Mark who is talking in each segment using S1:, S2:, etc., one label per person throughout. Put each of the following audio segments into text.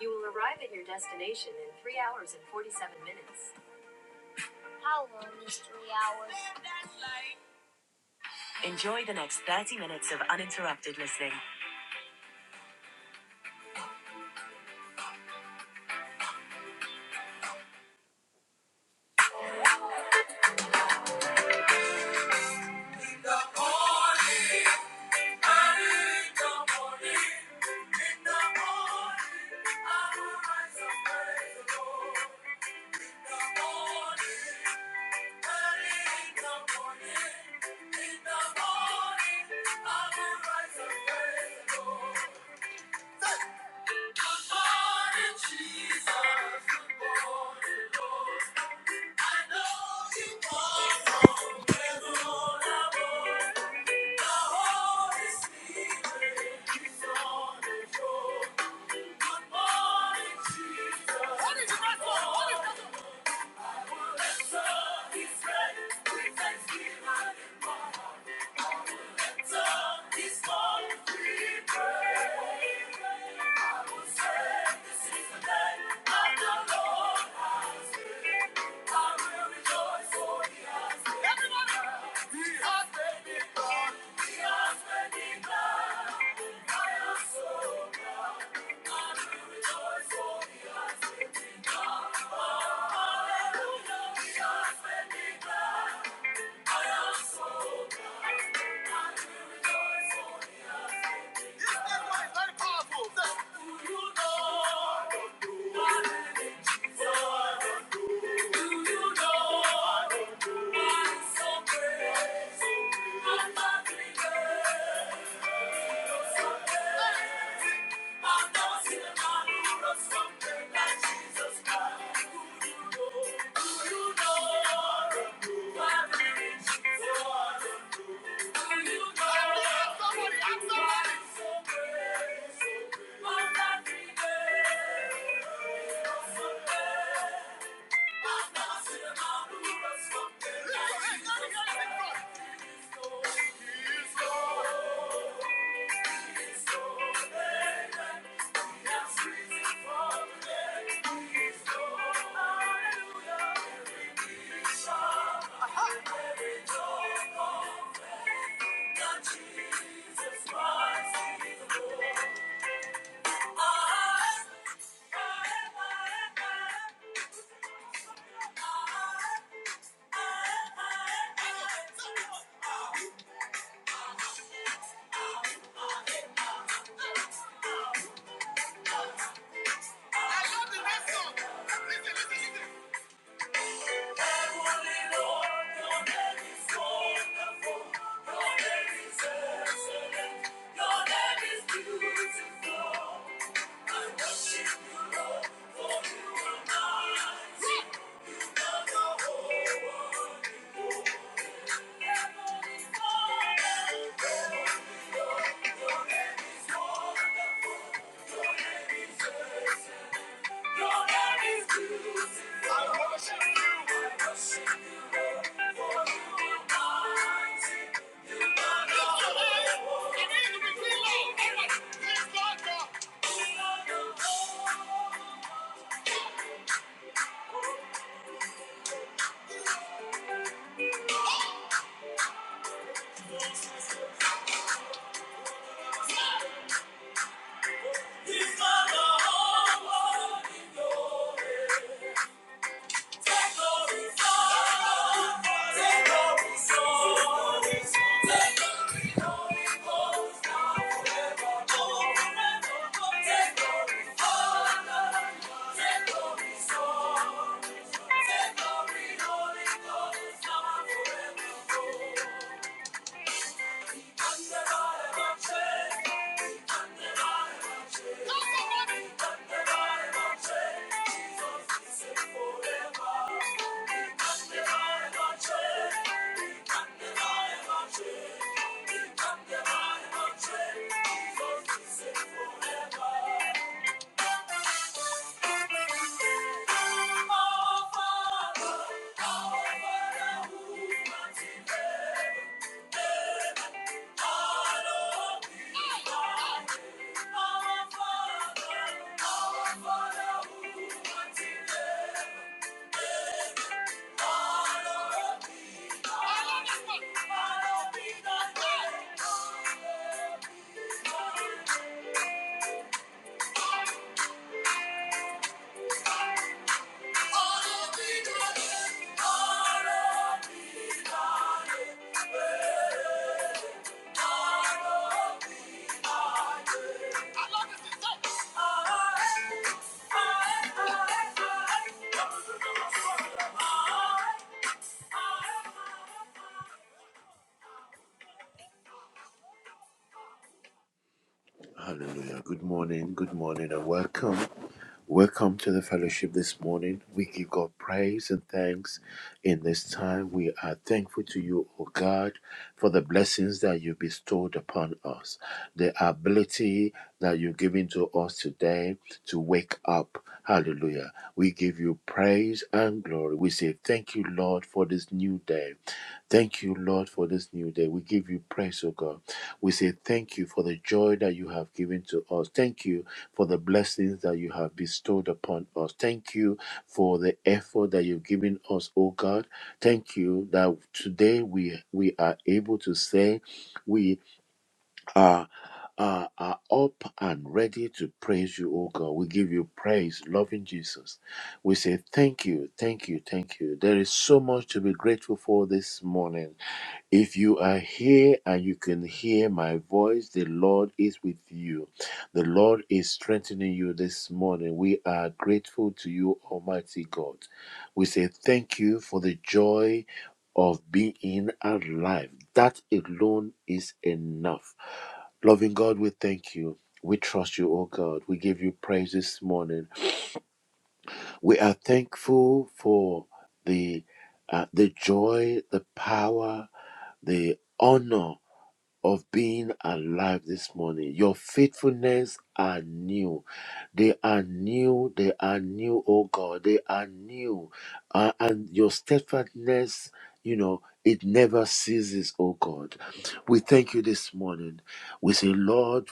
S1: You will arrive at your destination in 3 hours and 47 minutes. How long is three hours? Enjoy the next 30 minutes of uninterrupted listening. Good Good morning, Jesus. Good morning. Jesus. I will rejoice for he has We I am so glad, and we rejoice for Hallelujah. Do you know? Do you know? Jesus Christ. Jesus Christ, He's the Lord. Thank you. He's my Lord. He's Lord, He's Lord. Thank you. Thank you. Hallelujah. Good morning, good morning, and welcome. Welcome to the fellowship this morning. We give God praise and thanks in this time. We are thankful to you, O God, for the blessings that you bestowed upon us, the ability that you've given to us today to wake up. Hallelujah. We give you praise and glory. We say thank you, Lord, for this new day. Thank you, Lord, for this new day. We give you praise, O God. We say thank you for the joy that you have given to us. Thank you for the blessings that you have bestowed upon us. Thank you for the effort that you've given us, O God. Thank you that today we we are able to say we are are, are up and ready to praise you, O God. We give you praise, loving Jesus. We say thank you, thank you, thank you. There is so much to be grateful for this morning. If you are here and you can hear my voice, the Lord is with you. The Lord is strengthening you this morning. We are grateful to you, Almighty God. We say thank you for the joy of being alive. That alone is enough. Loving God, we thank you. We trust you, O God. We give you praise this morning. We are thankful for the uh, the joy, the power, the honor of being alive this morning. Your faithfulness are new. They are new. They are new, oh God. They are new. Uh, and your steadfastness, you know, it never ceases, oh God. We thank you this morning. We say, Lord,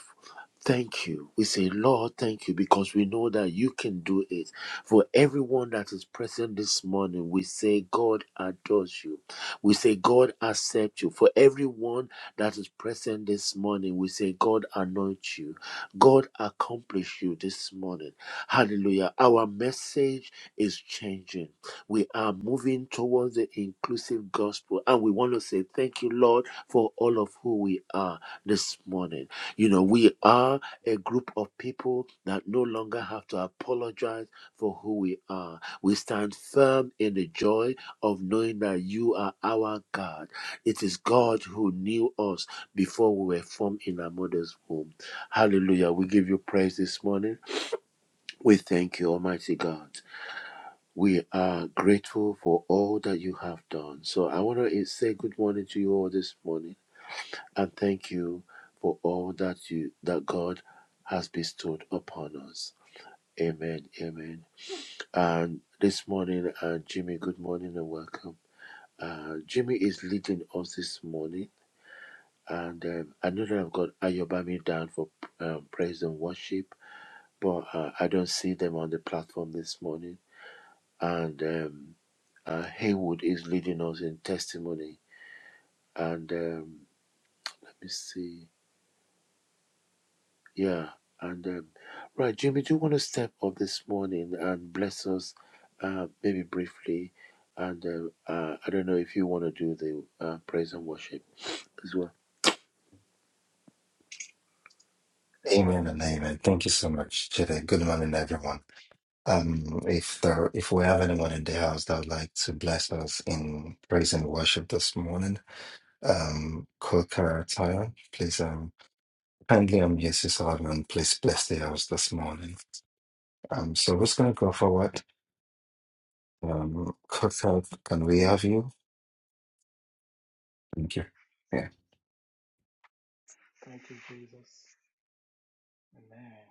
S1: Thank you. We say, Lord, thank you, because we know that you can do it. For everyone that is present this morning, we say, God adores you. We say, God accept you. For everyone that is present this morning, we say, God anoint you. God accomplish you this morning. Hallelujah. Our message is changing. We are moving towards the inclusive gospel, and we want to say, Thank you, Lord, for all of who we are this morning. You know, we are a group of people that no longer have to apologize for who we are. We stand firm in the joy of knowing that you are our God. It is God who knew us before we were formed in our mother's womb. Hallelujah. We give you praise this morning. We thank you, Almighty God. We are grateful for all that you have done. So I want to say good morning to you all this morning and thank you for all that you that God has bestowed upon us. Amen. Amen. And this morning, uh, Jimmy, good morning and welcome. Uh, Jimmy is leading us this morning, and um, I know that I've got Ayobami down for um, praise and worship, but uh, I don't see them on the platform this morning. And um, uh, Haywood is leading us in testimony, and um, let me see. Yeah. And um, right, Jimmy, do you want to step up this morning and bless us, uh, maybe briefly? And uh, uh, I don't know if you want to do the uh, praise and worship as well.
S2: Amen and amen. Thank you so much, Jide. Good morning, everyone. Um, if there, if we have anyone in the house that would like to bless us in praise and worship this morning, um, Kokarataya, please um kindly unmute yourself and please bless the house this morning. Um, so who's gonna go forward? Um, Kokar, can we have you? Thank you. Yeah.
S3: Thank you, Jesus. Amen.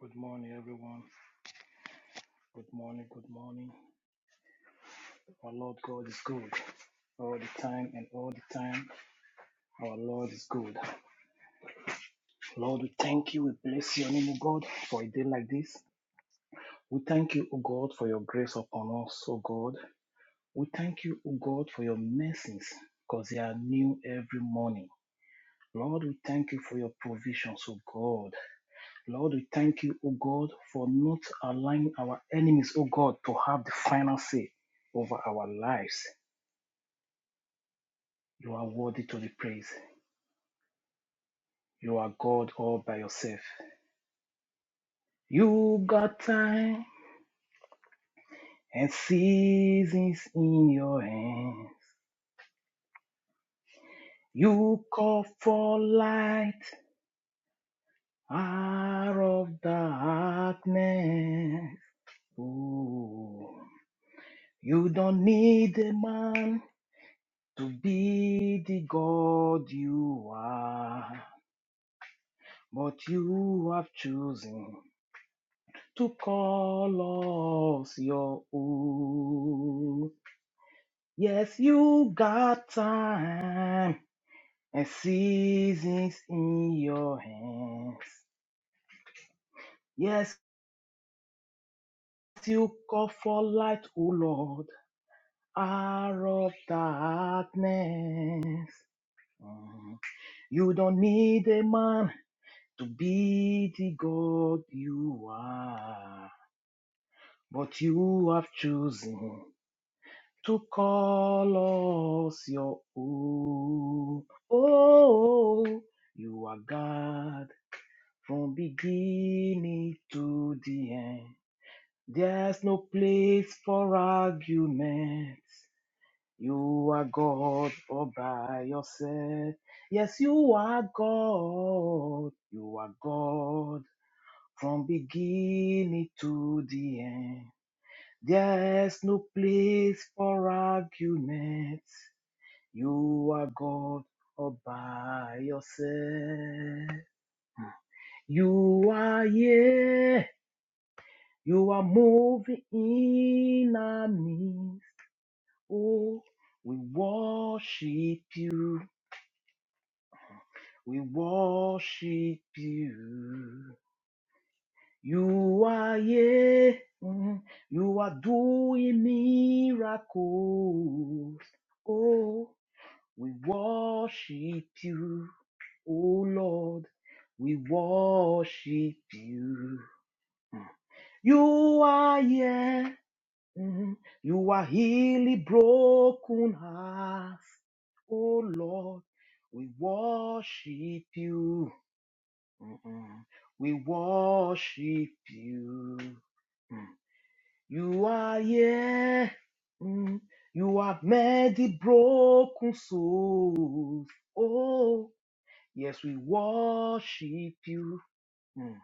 S3: Good morning, everyone. Good morning, good morning. Our Lord God is good all the time and all the time. Our Lord is good. Lord, we thank you. We bless your name, O God, for a day like this. We thank you, O God, for your grace upon us, O God. We thank you, O God, for your mercies, because they are new every morning. Lord, we thank you for your provisions, O God. Lord, we thank you, O God, for not allowing our enemies, O God, to have the final say over our lives. You are worthy to be praised. You are God all by yourself. You got time and seasons in your hands. You call for light out of darkness. Ooh. You don't need a man to be the God you are, but you have chosen to call us your own. Yes, you got time and seasons in your hands. Yes, you call for light, O Lord, out of darkness. Mm. You don't need a man to be the God you are, but you have chosen to call us your own. Oh, you are God from beginning to the end. There's no place for arguments. You are God all by yourself. Yes, you are God. You are God from beginning to the end. There's no place for arguments. You are God all by yourself. You are here. You are moving in our midst. Oh, we worship you. We worship you. You are yeah, mhm. you are doing miracles. Oh, we worship you, oh Lord, we worship you. You are yeah, mhm. you are healing broken hearts. Oh Lord, we worship you. We worship you. Mm. You are here. Mm. You have made the broken souls. Oh, yes, we worship you. Mm.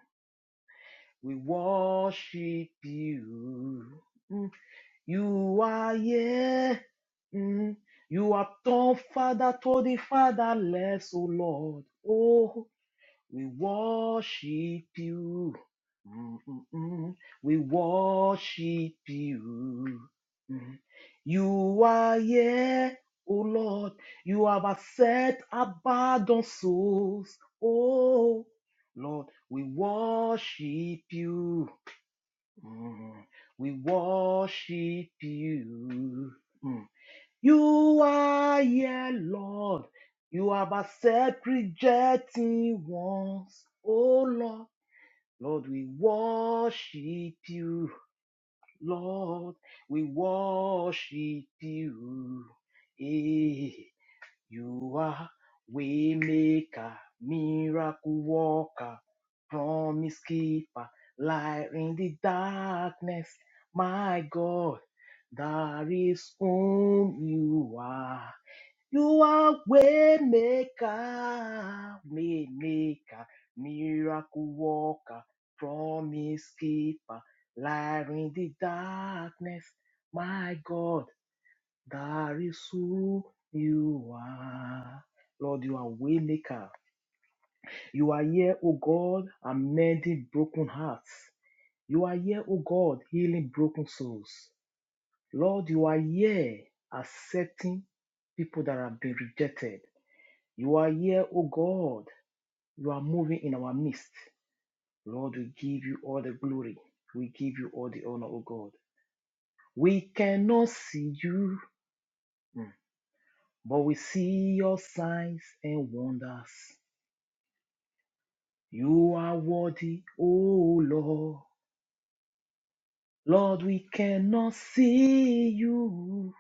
S3: We worship you. Mm. You are here. Mm. You have turned father to the fatherless, oh Lord. Oh. We worship you. Mm, mm, mm. We worship you. Mm. You are here, O Lord. You have accepted abandoned souls. Oh, Lord, we worship you. Mm. We worship you. Mm. You are here, Lord. You have accepted rejecting once. Oh Lord, Lord, we worship you. Lord, we worship you. Hey, you are waymaker, miracle worker, promise keeper, light in the darkness. My God, that is whom you are. You are way maker, way maker, miracle worker, promise keeper, light in the darkness. My God, that is who you are. Lord, you are way maker. You are here, O God, amending broken hearts. You are here, O God, healing broken souls. Lord, you are here accepting people that have been rejected. You are here, O God. You are moving in our midst. Lord, we give you all the glory. We give you all the honor, O God. We cannot see you, mm, but we see your signs and wonders. You are worthy, O Lord. Lord, we cannot see you,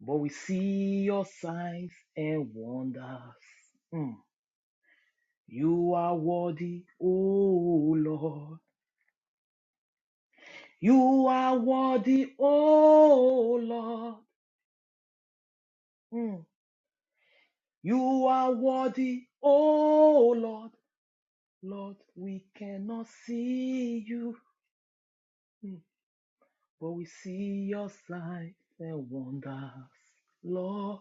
S3: but we see your signs and wonders. Mm. You are worthy, O Lord. You are worthy, oh Lord. Mm. You are worthy, oh Lord. Lord, we cannot see you, Mm. but we see your signs and wonders. Lord,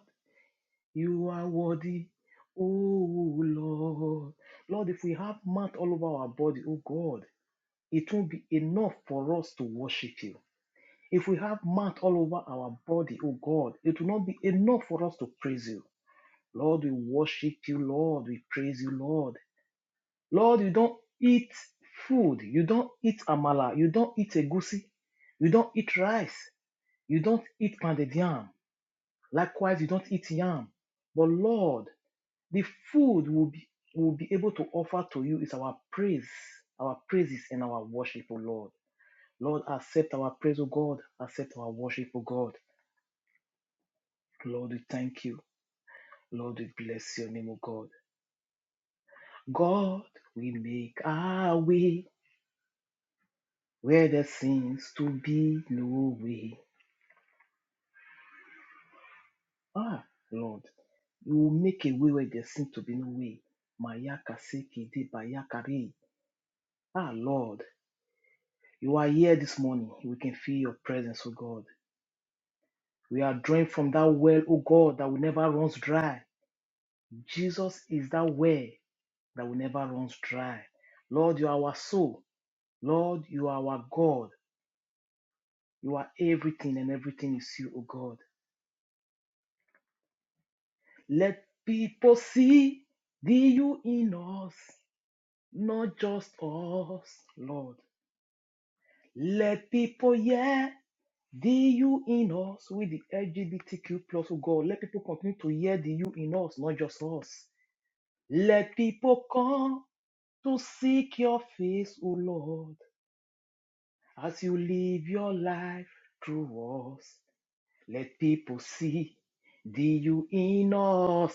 S3: you are worthy, oh Lord. Lord, if we have mouth all over our body, oh God, it won't be enough for us to worship you. If we have mouth all over our body, oh God, it will not be enough for us to praise you. Lord, we worship you, Lord. We praise you, Lord. Lord, you don't eat food. You don't eat amala. You don't eat egusi. You don't eat rice. You don't eat pounded yam. Likewise, you don't eat yam. But Lord, the food we'll be, we'll be able to offer to you is our praise, our praises and our worship, O Lord. Lord, accept our praise, O God. Accept our worship, O God. Lord, we thank you. Lord, we bless your name, O God. God will make our way where there seems to be no way. Ah, Lord, you will make a way where there seems to be no way. Mayaka seki de bayakari. Ah, Lord, you are here this morning. We can feel your presence, oh God. We are drawing from that well, oh God, that will never runs dry. Jesus is that well that will never runs dry. Lord, you are our soul. Lord, you are our God. You are everything, and everything is you, O God. Let people see the you in us, not just us, Lord. Let people hear the you in us with the LGBTQ plus oh God. Let people continue to hear the you in us, not just us. Let people come to seek your face, O Lord, as you live your life through us. Let people see the you in us,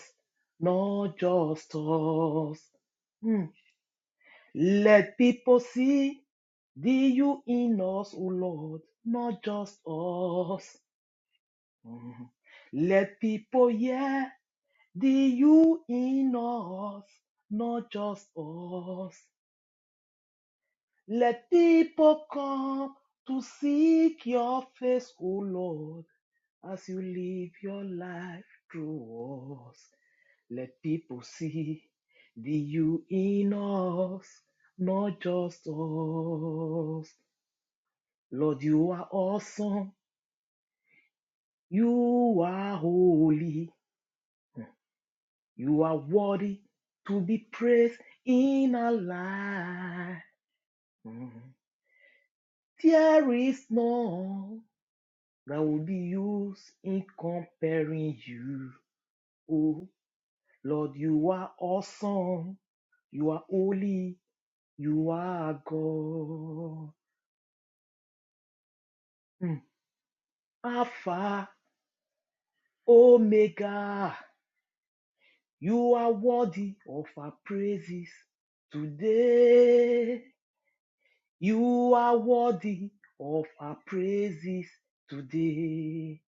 S3: not just us. Hmm. Let people see the you in us, O Lord, not just us. Mhm. Let people hear the you in us, not just us. Let people come to seek your face, O Lord, as you live your life through us. Let people see the you in us, not just us. Lord, you are awesome. You are holy. You are worthy to be praised in our life. Mhm. There is none that will be used in comparing you. Oh, Lord, you are awesome. You are holy. You are God. Mm. Alpha, Omega. You are worthy of our praises today. You are worthy of our praises today.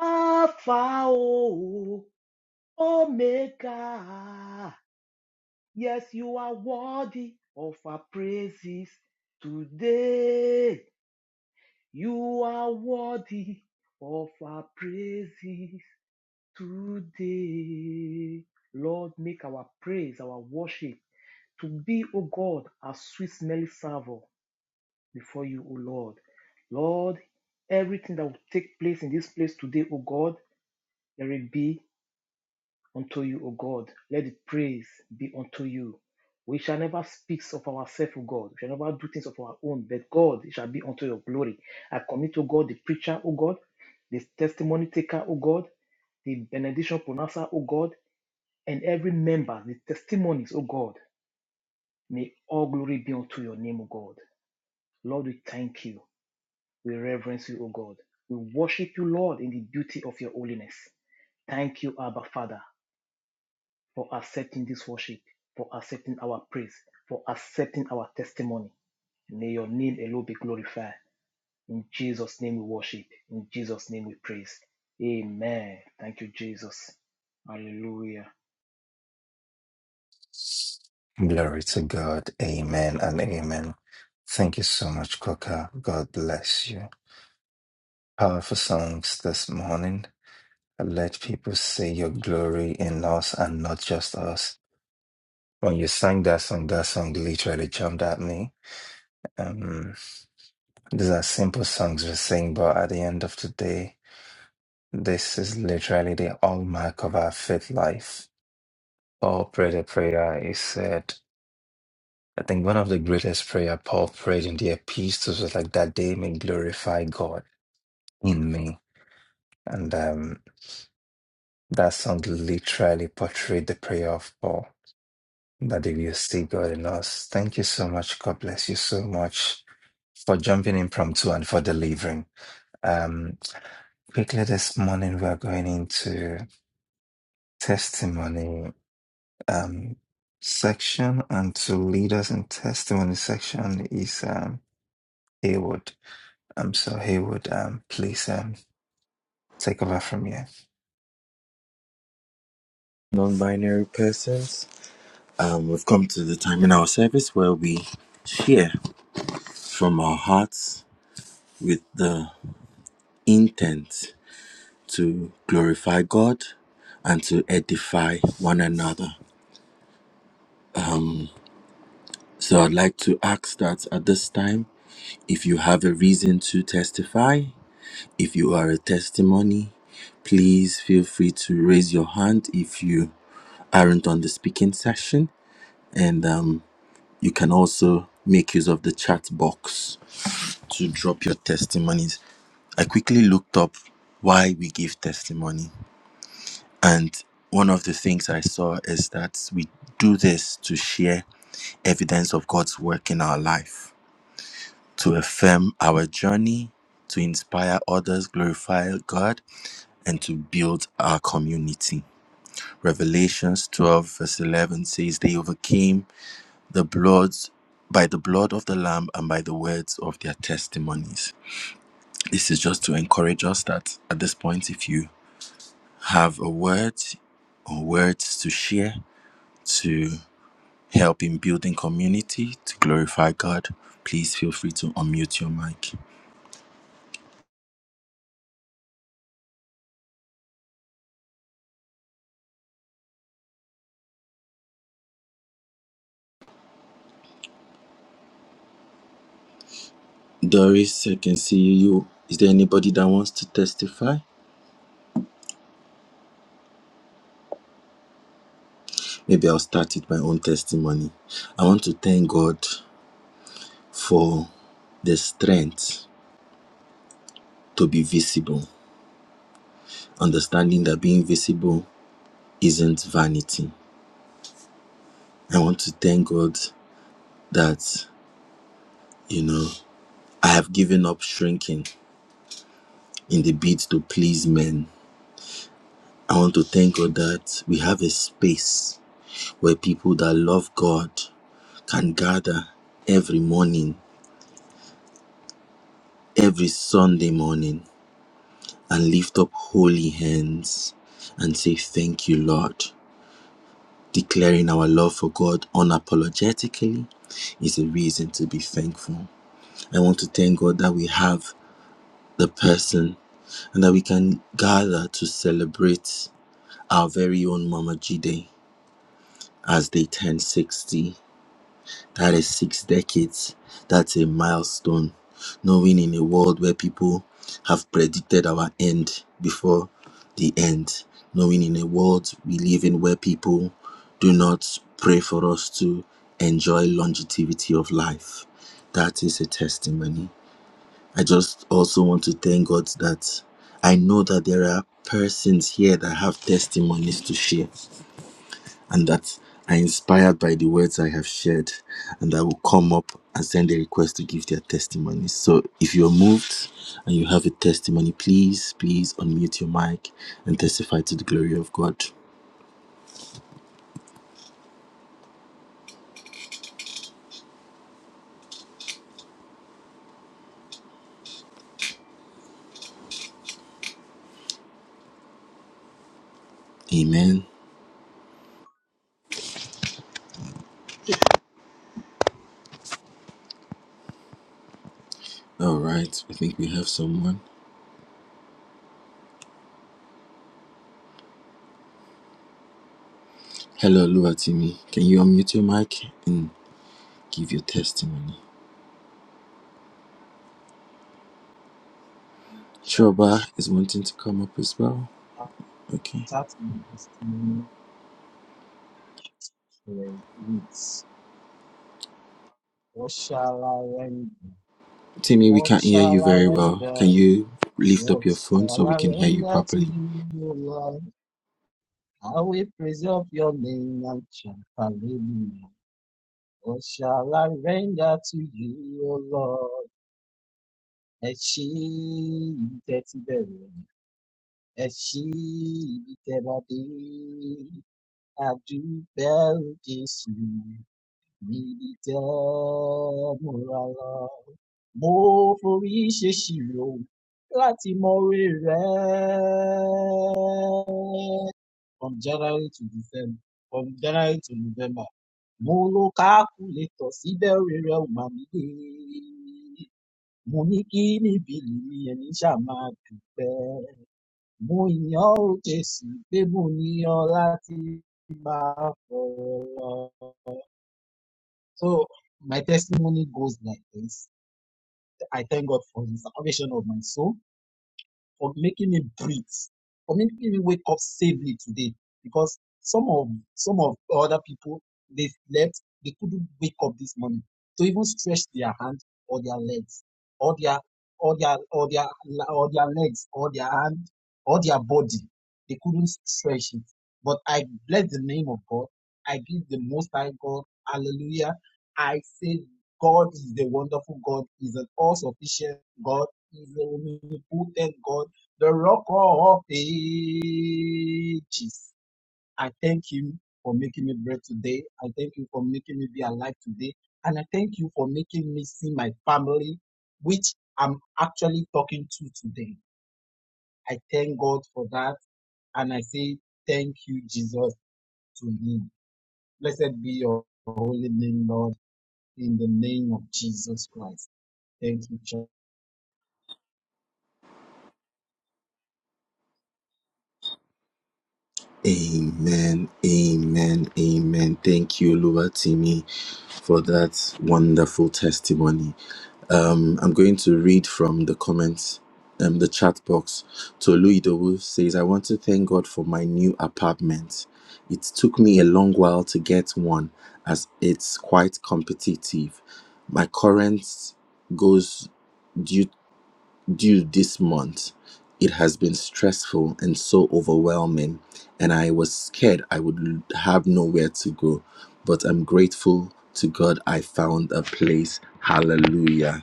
S3: Alpha, O, Omega. Yes, you are worthy of our praises today. You are worthy of our praises today. Lord, make our praise, our worship to be, O God, a sweet smelling savour before you, O Lord. Lord, everything that will take place in this place today, O God, let it be unto you, O God. Let the praise be unto you. We shall never speak of ourselves, O God. We shall never do things of our own, but God, it shall be unto your glory. I commit, O God, the preacher, O God, the testimony taker, O God, the benediction pronouncer, O God, and every member, the testimonies, O God. May all glory be unto your name, O God. Lord, we thank you. We reverence you, O God. We worship you, Lord, in the beauty of your holiness. Thank you, Abba Father, for accepting this worship, for accepting our praise, for accepting our testimony. May your name alone be glorified. In Jesus' name we worship. In Jesus' name we praise. Amen. Thank you, Jesus. Hallelujah.
S2: Glory to God. Amen and amen. Thank you so much, Koka. God bless you. Powerful songs this morning. And Let people see your glory in us and not just us. When you sang that song, that song literally jumped at me. Um, these are simple songs we sing, but at the end of the day, this is literally the hallmark of our faith life. Paul prayed a prayer. He said, I think one of the greatest prayer Paul prayed in the epistles was like that they may glorify God in me. And um, that song literally portrayed the prayer of Paul that if you see God in us, thank you so much. God bless you so much for jumping impromptu and for delivering. Um, quickly this morning, we're going into testimony um, section, and to lead us in testimony section is um, Haywood. Um, so Haywood, um, please um, take over from here.
S4: non-binary persons. Um, we've come to the time in our service where we share from our hearts with the intent to glorify God and to edify one another. So I'd like to ask that at this time, if you have a reason to testify, if you are a testimony, please feel free to raise your hand if you aren't on the speaking session. And um, you can also make use of the chat box to drop your testimonies. I quickly looked up why we give testimony. And one of the things I saw is that we do this to share evidence of God's work in our life, to affirm our journey, to inspire others, glorify God, and to build our community. Revelations 12, verse 11 says, They overcame the blood by the blood of the Lamb and by the words of their testimonies. This is just to encourage us that at this point, if you have a word or words to share to help in building community to glorify God, please feel free to unmute your mic. Doris, I can see you. Is there anybody that wants to testify? Maybe I'll start with my own testimony. I want to thank God for the strength to be visible, understanding that being visible isn't vanity. I want to thank God that You know, I have given up shrinking in the bid to please men. I want to thank God that we have a space where people that love God can gather every morning, every Sunday morning, and lift up holy hands and say, Thank you, Lord. Declaring our love for God unapologetically is a reason to be thankful. I want to thank God that we have the person and that we can gather to celebrate our very own Mama Jide as they turn 60. That is six decades. That's a milestone. Knowing in a world where people have predicted our end before the end, knowing in a world we live in where people do not pray for us to enjoy longevity of life. That is a testimony. I just also want to thank God that I know that there are persons here that have testimonies to share and that are inspired by the words I have shared and that will come up and send a request to give their testimony. So if you're moved and you have a testimony, please, please unmute your mic and testify to the glory of God. Amen. All right, I think we have someone. Hello, Luatimi. Can you unmute your mic and give your testimony? Choba
S5: church
S4: is wanting to come up as well. Okay.
S5: after ministry with what shall I render?
S4: Timmy, we
S5: What
S4: can't hear you
S5: shall I
S4: very well. Can
S5: render?
S4: you lift up
S5: What
S4: your phone so
S5: shall
S4: we
S5: I
S4: can hear you
S5: render to
S4: properly?
S5: you, O Lord? I will preserve your name and chant hallelujah. What shall I render to you, O Lord? Ẹ ṣí ibi tẹ́ ti bẹ̀rẹ̀, ẹ ṣí ibi tẹ́ bá dé. Adúpẹ́ o Jésù, Ìdìtẹ̀-múrarà. Mo forí ṣèṣirò láti mọ rẹ̀. From January to December, from January to November, mo lo calculator síbẹ̀ orí rẹ̀ ò mà mí dé. Mo ní kí ni bìlì mi ẹni ṣáà máa dúpẹ́. Mo yàn ó Jésù pé mo ní ọ láti máa fọ̀rọ̀ lọ. So my testimony goes like this. I thank God for the salvation of my soul for making me breathe, for making me wake up safely today. Because some of some of other people they slept, they couldn't wake up this morning to even stretch their hand or their legs or their or their or their or their legs or their hand or their body. They couldn't stretch it. But I bless the name of God. I give the most high God. Hallelujah. I say God is a wonderful God, He's an all sufficient God, He's a omnipotent God the rock of ages. I thank Him for making me breathe today. I thank you for making me be alive today. And I thank you for making me see my family, which I'm actually talking to today. I thank God for that. And I say, thank you, Jesus, to him. Blessed be your holy name, Lord, in the name of Jesus Christ. Thank you, church.
S4: Amen, amen, amen. Thank you, Luwatimi, for that wonderful testimony. Um, I'm going to read from the comments, um, the chat box. Tolu Idowu says, I want to thank God for my new apartment. It took me a long while to get one as it's quite competitive. My current goes due." due this month. It has been stressful and so overwhelming, and I was scared I would l- have nowhere to go. But I'm grateful to God I found a place. Hallelujah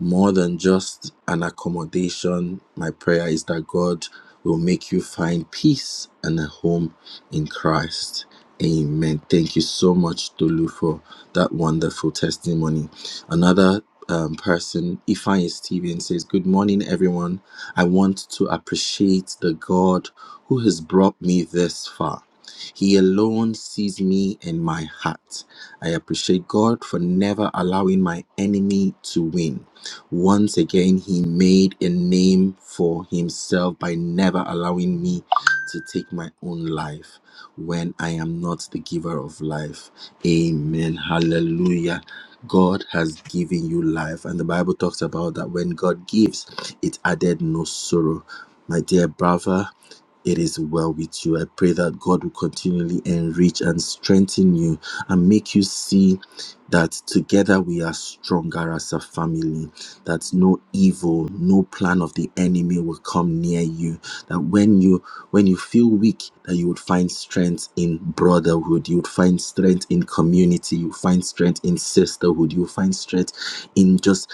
S4: more than just an accommodation, my prayer is that God will make you find peace and a home in Christ. Amen. Thank you so much, Tolu, for that wonderful testimony. Another um, person, Ifeanyi Steven, says, Good morning, everyone. I want to appreciate the God who has brought me this far. He alone sees me and my heart. I appreciate God for never allowing my enemy to win. Once again, he made a name for himself by never allowing me to take my own life when I am not the giver of life. Amen. Hallelujah. God has given you life. And the Bible talks about that when God gives, it added no sorrow. My dear brother, it is well with you. I pray that God will continually enrich and strengthen you and make you see that together we are stronger as a family that no evil, no plan of the enemy will come near you. That when you when you feel weak, that you would find strength in brotherhood, you would find strength in community, you find strength in sisterhood, you find strength in just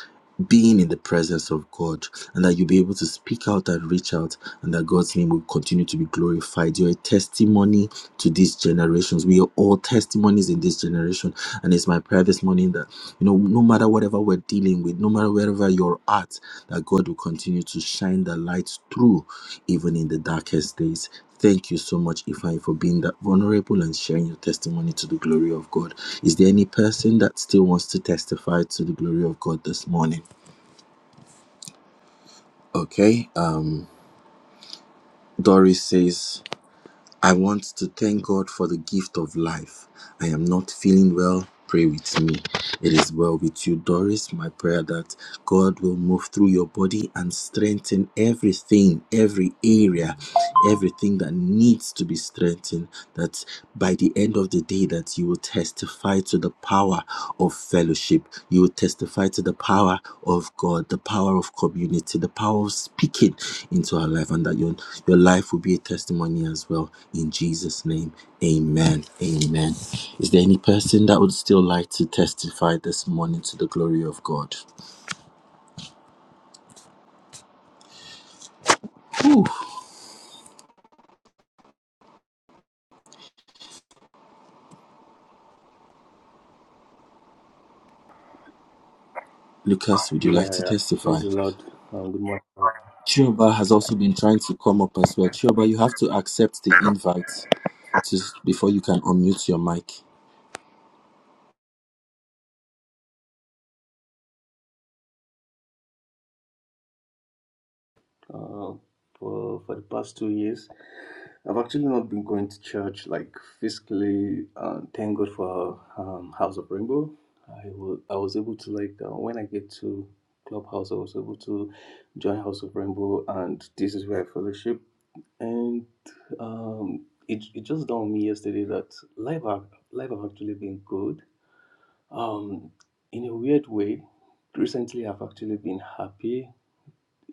S4: being in the presence of God, and that you'll be able to speak out and reach out and that God's name will continue to be glorified. You're a testimony to these generations. We are all testimonies in this generation. And it's my prayer this morning that, you know, no matter whatever we're dealing with, no matter wherever you're at, that God will continue to shine the light through, even in the darkest days. Thank you so much, Ifan, for being that vulnerable and sharing your testimony to the glory of God. Is there any person that still wants to testify to the glory of God this morning? Okay. Uh, Doris says, I want to thank God for the gift of life. I am not feeling well. Pray with me. It is well with you, Doris. My prayer that God will move through your body and strengthen everything, every area, everything that needs to be strengthened. That by the end of the day, that you will testify testify to the power of fellowship. You will testify to the power of God, the power of community, the power of speaking into our life, and that your, your life will be a testimony as well. In Jesus' name, amen. Amen. Is there any person that would still like to testify this morning to the glory of God? Whew. Lucas, would you
S6: Yeah,
S4: like
S6: yeah.
S4: to
S6: yeah.
S4: testify?
S6: Praise the Lord. Um, good morning.
S4: Chioba has also been trying to come up as well. Chioba, you have to accept the invite to, before you can unmute your mic.
S6: Uh, for for the past two years, I've actually not been going to church like physically. Uh, thank God for um, House of Rainbow. I was I was able to like uh, when I get to Clubhouse, I was able to join House of Rainbow, and this is where I fellowship. And um, it it just dawned on me yesterday that life have life have actually been good. Um, in a weird way, recently I've actually been happy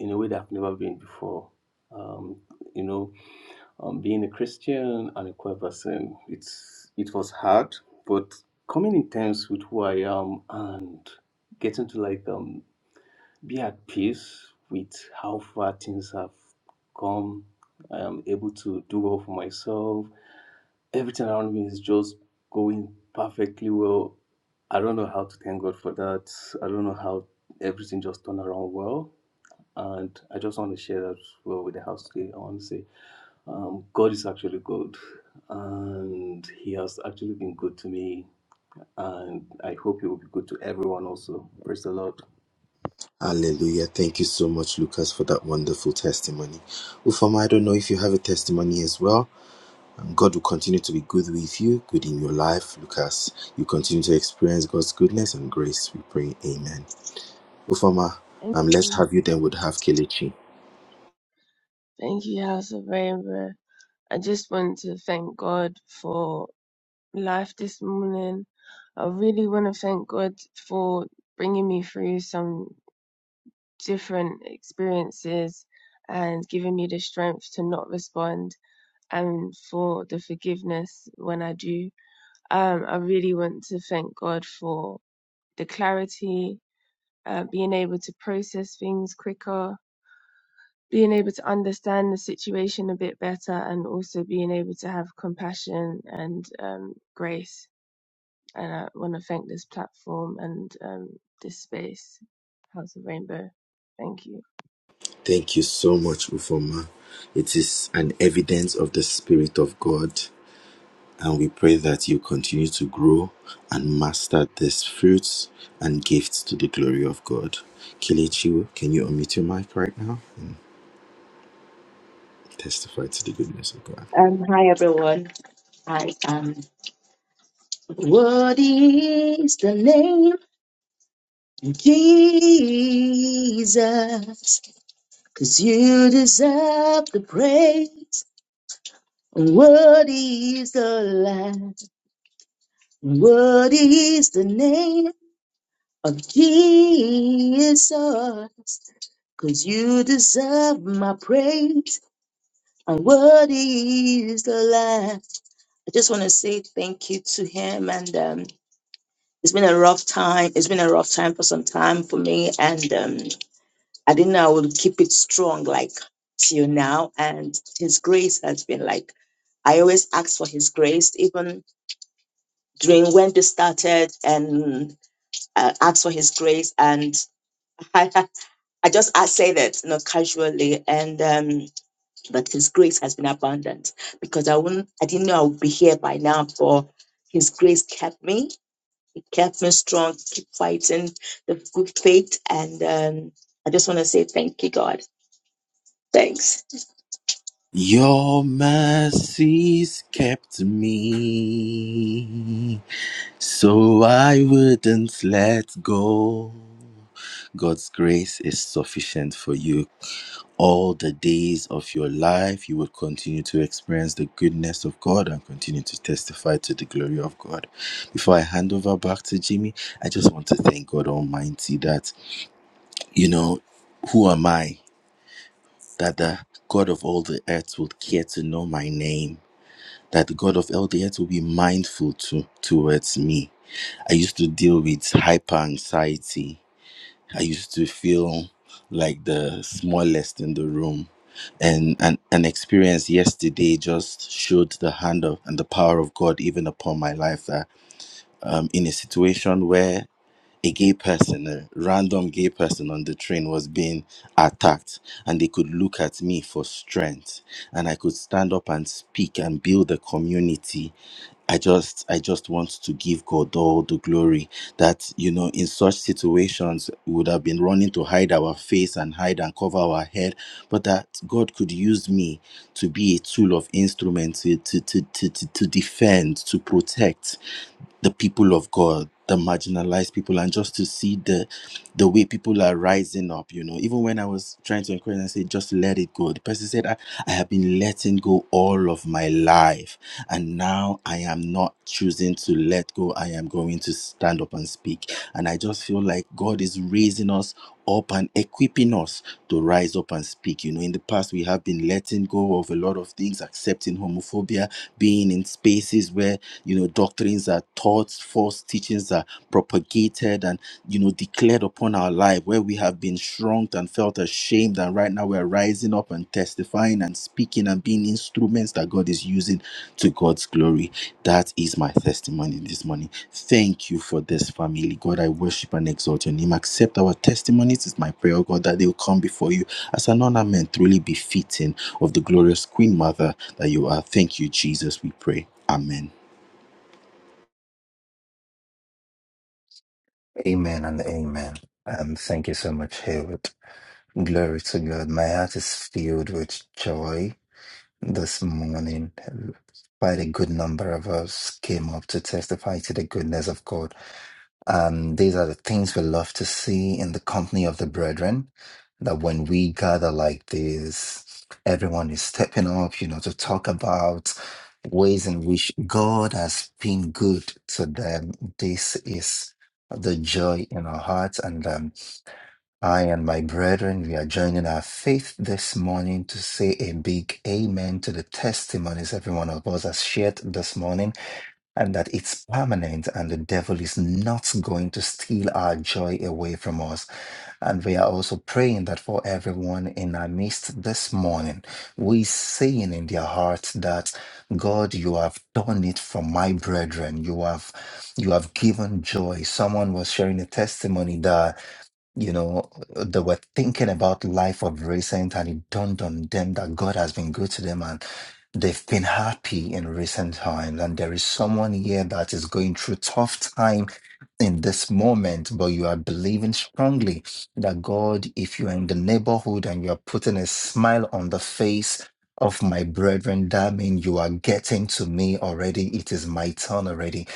S6: in a way that I've never been before. Um, you know, um, being a Christian and a queer person, it's it was hard, but coming in terms with who I am and getting to like um, be at peace with how far things have come. I am able to do well for myself. Everything around me is just going perfectly well. I don't know how to thank God for that. I don't know how everything just turned around well and I just want to share that well with the house today. I want to say, um, God is actually good, and He has actually been good to me, and I hope He will be good to everyone also. Praise the Lord.
S4: Hallelujah. Thank you so much, Lucas, for that wonderful testimony. Ufama, I don't know if you have a testimony as well. And God will continue to be good with you, good in your life, Lucas. You continue to experience God's goodness and grace. We pray, Amen. Ufama,
S7: Thank
S4: um, let's
S7: you.
S4: have you then would have Kelechi.
S7: Thank you, House of Rainbow. I just want to thank God for life this morning. I really want to thank God for bringing me through some different experiences and giving me the strength to not respond and for the forgiveness when I do. Um, I really want to thank God for the clarity, uh, being able to process things quicker, being able to understand the situation a bit better and also being able to have compassion and um, grace. And I want to thank this platform and um, this space, House of Rainbow. Thank you.
S4: Thank you so much, Ufama. It is an evidence of the Spirit of God And we pray that you continue to grow and master these fruits and gifts to the glory of God. Kelechi, can you unmute your mic right now and testify to the goodness of God?
S8: Um, hi everyone. I am. What is the name Jesus? Cause you deserve the praise. What is the last? What is the name of Jesus? Cause you deserve my praise. And what is the last? I just want to say thank you to him and um it's been a rough time. It's been a rough time for some time for me, and um, I didn't know I would keep it strong like till now. And His grace has been like I always ask for His grace, even during when this started, and uh, ask for His grace. And I, I just I say that you know casually, and um, but His grace has been abundant because I wouldn't I didn't know I would be here by now, for His grace kept me It kept me strong, keep fighting the good fight. And um, I just want to say thank you, God. Thanks.
S4: Your mercies kept me. So I wouldn't let go. God's grace is sufficient for you. All the days of your life, you will continue to experience the goodness of God and continue to testify to the glory of God. Before I hand over back to Jimmy, I just want to thank God Almighty that, you know, who am I? That the God of all the earth would care to know my name. That the God of all the earth will be mindful to towards me I used to deal with hyper anxiety. I used to feel like the smallest in the room. And an, an experience yesterday just showed the hand of and the power of God even upon my life that um, in a situation where a gay person, a random gay person on the train was being attacked, and they could look at me for strength, and I could stand up and speak and build a community I just I just want to give God all the glory that you know in such situations we would have been running to hide our face and hide and cover our head but that God could use me to be a tool of instrument to to to to, to, to defend to protect the people of God, the marginalized people, and just to see the the way people are rising up. You know, even when I was trying to encourage and say, just let it go, the person said, I, I have been letting go all of my life, and now I am not choosing to let go. I am going to stand up and speak. And I just feel like God is raising us up and equipping us to rise up and speak. You know, in the past, we have been letting go of a lot of things, accepting homophobia, being in spaces where, you know, doctrines are taught, false teachings are propagated and, you know, declared upon our life, where we have been shrunk and felt ashamed. And right now, we're rising up and testifying prophesying and speaking and being instruments that God is using to God's glory. That is my testimony this morning. Thank you for this family. God, I worship and exalt your name. Accept our testimonies. It's my prayer, oh God, that they will come before you as an ornament truly befitting of the glorious Queen Mother that you are. Thank you, Jesus, we pray. Amen.
S2: Amen and amen. Um, thank you so much, Haywood. Glory to God. My heart is filled with joy This morning, quite a good number of us came up to testify to the goodness of God. And these are the things we love to see in the company of the brethren. That when we gather like this, everyone is stepping up, you know, to talk about ways in which God has been good to them. This is the joy in our hearts. And um, I and my brethren, we are joining our faith this morning to say a big amen to the testimonies every one of us has shared this morning and that it's permanent and the devil is not going to steal our joy away from us. And we are also praying that for everyone in our midst this morning, we saying in their hearts that God, you have done it for my brethren. You have you have given joy. Someone was sharing a testimony that you know, they were thinking about life of recent and it dawned on them that God has been good to them and they've been happy in recent times. And there is someone here that is going through tough time in this moment, but you are believing strongly that God, if you are in the neighborhood and you are putting a smile on the face of my brethren, that means you are getting to me already. It is my turn already.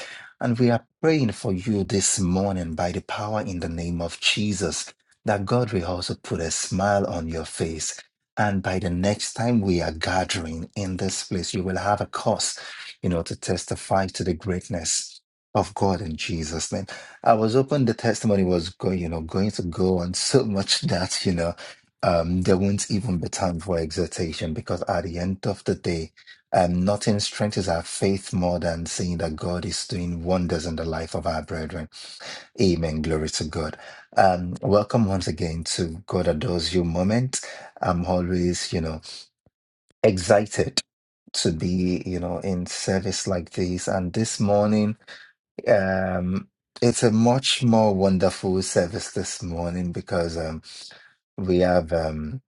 S2: And we are praying for you this morning by the power in the name of Jesus that God will also put a smile on your face. And by the next time we are gathering in this place, you will have a cause, you know, to testify to the greatness of God in Jesus' name. I was hoping the testimony was going, you know, going to go on so much that, you know, um, there won't even be time for exhortation because at the end of the day, um, nothing strengthens our faith more than seeing that God is doing wonders in the life of our brethren. Amen. Glory to God. Um, welcome once again to God Adores You moment. I'm always, you know, excited to be, you know, in service like this. And this morning, um, it's a much more wonderful service this morning because um, we have um,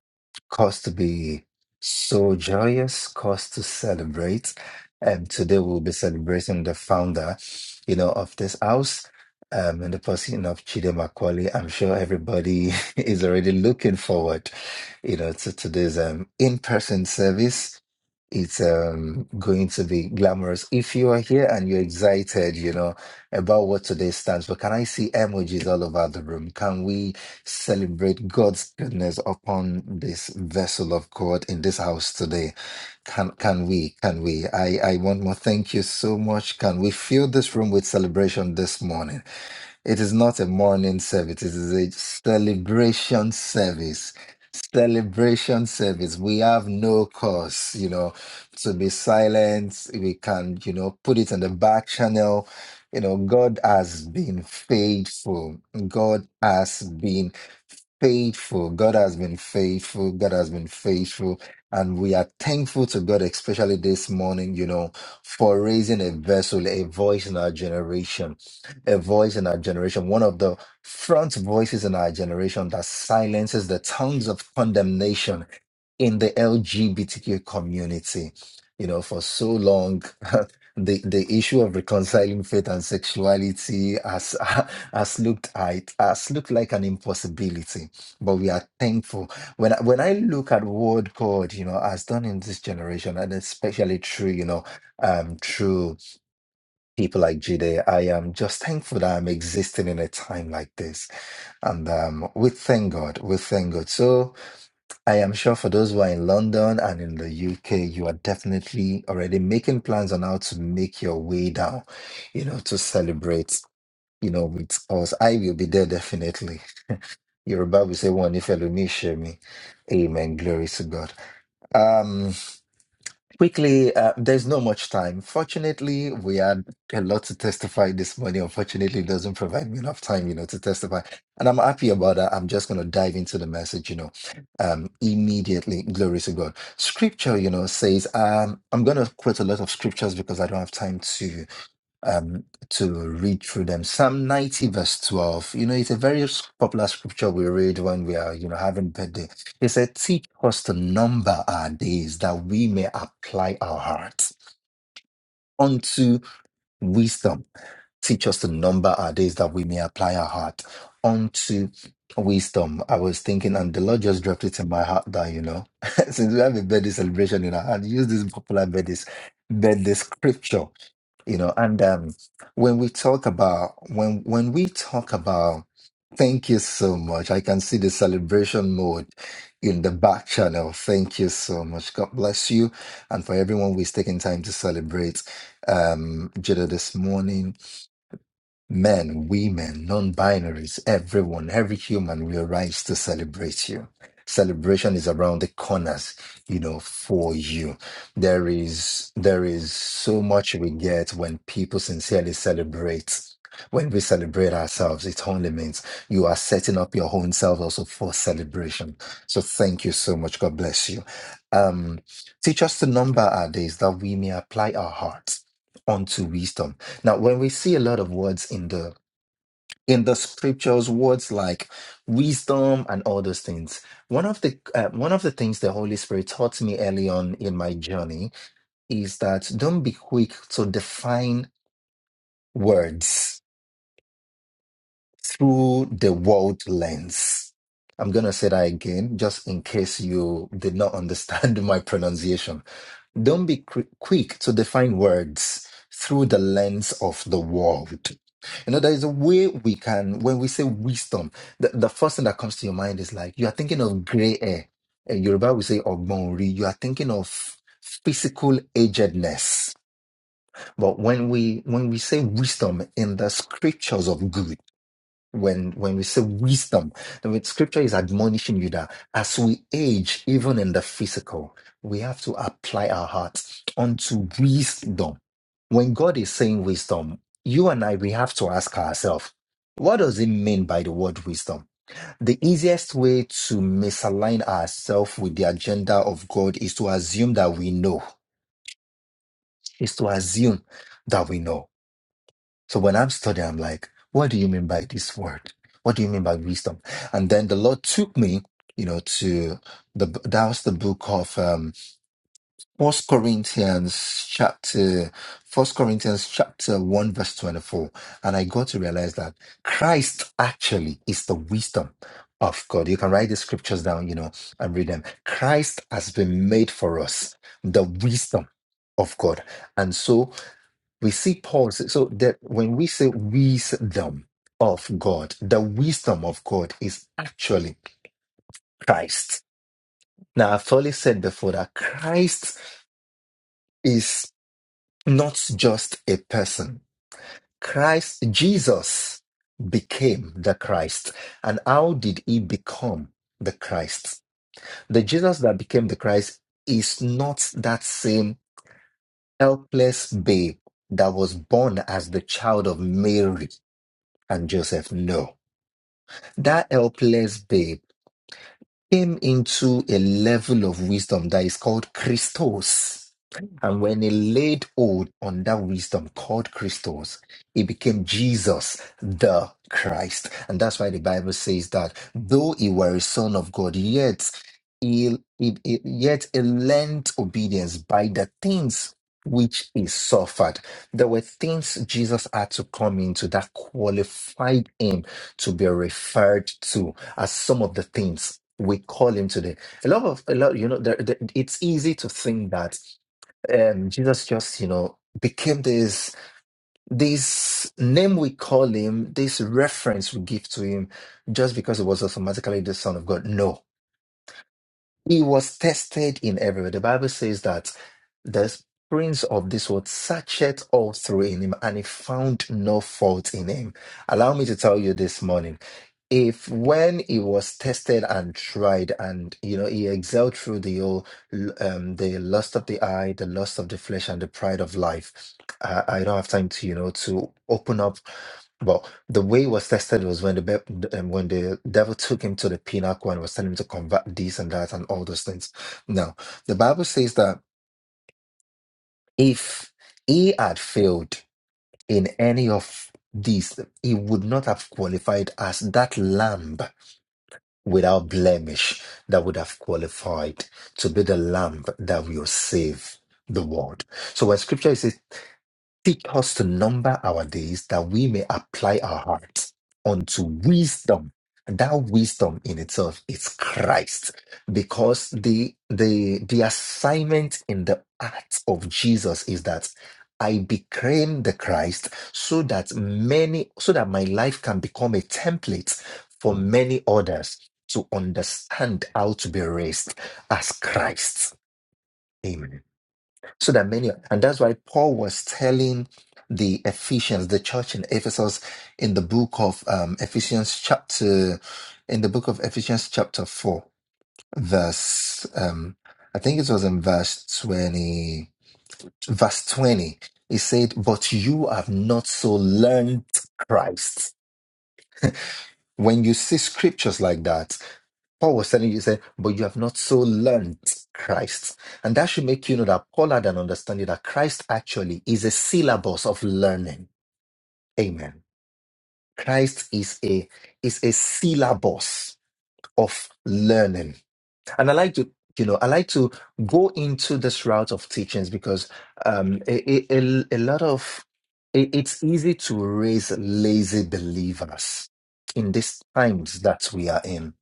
S2: cause to be so joyous, cause to celebrate. And today we'll be celebrating the founder, you know, of this house. Um, and the person of Chide Macaulay, I'm sure everybody is already looking forward, you know, to today's um, in-person service it's um, going to be glamorous. If you are here and you're excited, you know, about what today stands for, can I see emojis all over the room? Can we celebrate God's goodness upon this vessel of God in this house today? Can can we? Can we? I, I want more. Thank you so much. Can we fill this room with celebration this morning? It is not a morning service, it is a celebration service. Celebration service. We have no cause, you know, to be silent. We can, you know, put it on the back channel. You know, God has been faithful. God has been faithful. God has been faithful. God has been faithful. And we are thankful to God, especially this morning, you know, for raising a vessel, a voice in our generation, a voice in our generation, one of the front voices in our generation that silences the tongues of condemnation in the LGBTQ community. You know, for so long, the, the issue of reconciling faith and sexuality has, has looked at, has looked like an impossibility. But we are thankful. When I, when I look at what God, you know, has done in this generation, and especially through, you know, um, through people like Jide, I am just thankful that I'm existing in a time like this. And um, we thank God. We thank God. So I am sure for those who are in London and in the UK, you are definitely already making plans on how to make your way down, you know, to celebrate, you know, with us. I will be there definitely. Yoruba will say, one if me. Amen. Glory to God. Um. Quickly, uh, there's not much time. Fortunately, we had a lot to testify this morning. Unfortunately, it doesn't provide me enough time, you know, to testify. And I'm happy about that. I'm just going to dive into the message, you know, um, immediately. Glory to God. Scripture, you know, says, um, I'm going to quote a lot of scriptures because I don't have time to um, to read through them. Psalm 90, verse 12. You know, it's a very s- popular scripture we read when we are, you know, having birthday. It said, Teach us to number our days that we may apply our hearts unto wisdom. Teach us to number our days that we may apply our heart unto wisdom. I was thinking, and the Lord just dropped it in my heart that, you know, since we have a birthday celebration in our heart, use this popular birthday, birthday scripture you know and um when we talk about when when we talk about thank you so much i can see the celebration mode in the back channel thank you so much god bless you and for everyone who's taking time to celebrate um jada this morning Men, women, non binaries, everyone, every human will rise to celebrate you. Celebration is around the corners, you know, for you. There is, there is so much we get when people sincerely celebrate. When we celebrate ourselves, it only means you are setting up your own self also for celebration. So thank you so much. God bless you. Um, teach us to number our days that we may apply our hearts unto wisdom now, when we see a lot of words in the in the scriptures, words like wisdom and all those things, one of the uh, one of the things the Holy Spirit taught me early on in my journey is that don't be quick to define words through the world lens. I'm gonna say that again, just in case you did not understand my pronunciation Don't be cri- quick to define words through the lens of the world. You know, there is a way we can, when we say wisdom, the, the first thing that comes to your mind is like, you are thinking of gray hair. In Yoruba, we say ogbonri. You are thinking of physical agedness. But when we, when we say wisdom in the scriptures of good, when when we say wisdom then with scripture is admonishing you that as we age even in the physical we have to apply our hearts unto wisdom when god is saying wisdom you and i we have to ask ourselves what does it mean by the word wisdom the easiest way to misalign ourselves with the agenda of god is to assume that we know is to assume that we know so when I'm studying, I'm like, what do you mean by this word? What do you mean by wisdom? And then the Lord took me, you know, to the that was the book of um First Corinthians chapter First Corinthians chapter one verse twenty four, and I got to realize that Christ actually is the wisdom of God. You can write the scriptures down, you know, and read them. Christ has been made for us the wisdom of God, and so we see Paul say, so that when we say wisdom of God, the wisdom of God is actually Christ. Now, I've already said before that Christ is not just a person. Christ, Jesus became the Christ. And how did he become the Christ? The Jesus that became the Christ is not that same helpless babe that was born as the child of Mary and Joseph. No That helpless babe came into a level of wisdom that is called Christos. And when he laid hold on that wisdom called Christos, he became Jesus, the Christ. And that's why the Bible says that though he were a son of God, yet he, he- he- yet he learned obedience by the things which he suffered. There were things Jesus had to come into that qualified him to be referred to as some of the things we call him today. A lot of a lot, you know, there, there- it's easy to think that um, Jesus just, you know, became this this name we call him, this reference we give to him, just because it was automatically the Son of God. No, he was tested in every way. The Bible says that the prince of this world searched all through in him and he found no fault in him. Allow me to tell you this morning. If when he was tested and tried, and you know he excelled through the old, um, the lust of the eye, the lust of the flesh, and the pride of life, I, I don't have time to you know to open up well, the way he was tested was when the be- um, when the devil took him to the pinnacle and was telling him to convert this and that and all those things. Now, the Bible says that if he had failed in any of these, he would not have qualified as that lamb without blemish that would have qualified to be the lamb that will save the world. So when scripture says teach us to number our days that we may apply our hearts unto wisdom. And that wisdom in itself is Christ, because the the the assignment in the act of Jesus is that I became the Christ so that many so that my life can become a template for many others to understand how to be raised as Christ. Amen so that many and that's why paul was telling the ephesians the church in ephesus in the book of um, ephesians chapter in the book of ephesians chapter 4 verse um i think it was in verse 20 verse 20 he said but you have not so learned christ when you see scriptures like that Paul was telling you, he said, but you have not so learned Christ. And that should make you know that Paul had an understanding that Christ actually is a syllabus of learning. Amen. Christ is a is a syllabus of learning. And I like to, you know, I like to go into this route of teachings because um, a, a, a a lot of it, it's easy to raise lazy believers in these times that we are in.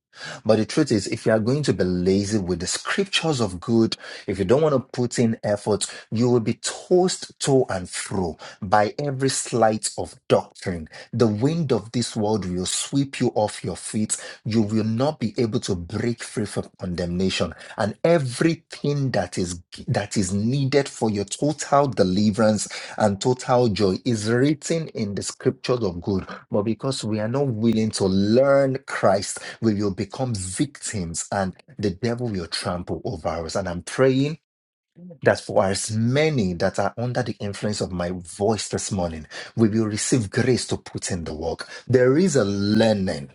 S2: But the truth is, if you are going to be lazy with the scriptures of good, if you don't want to put in effort, you will be tossed to and fro by every slight of doctrine. The wind of this world will sweep you off your feet you will not be able to break free from condemnation and everything that is that is needed for your total deliverance and total joy is written in the scriptures of God but because we are not willing to learn Christ we will become victims and the devil will trample over us and I'm praying that for as many that are under the influence of my voice this morning we will receive grace to put in the work there is a learning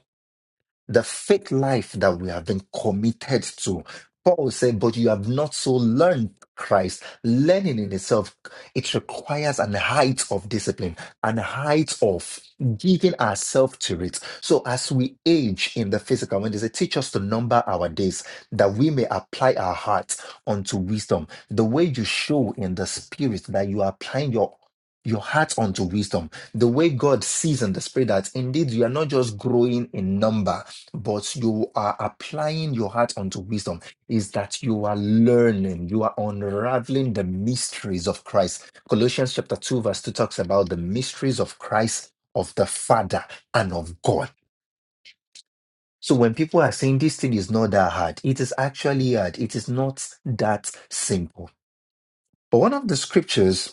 S2: the faith life that we have been committed to. Paul said, but you have not so learned Christ. Learning in itself, it requires an height of discipline, an height of giving ourselves to it. So as we age in the physical, when they say, teach us to number our days, that we may apply our hearts unto wisdom. The way you show in the spirit that you are applying your your heart unto wisdom, the way God sees in the spirit that indeed you are not just growing in number, but you are applying your heart unto wisdom is that you are learning you are unraveling the mysteries of christ colossians chapter 2 verse 2 talks about the mysteries of christ of the father and of god so when people are saying this thing is not that hard it is actually hard it is not that simple but one of the scriptures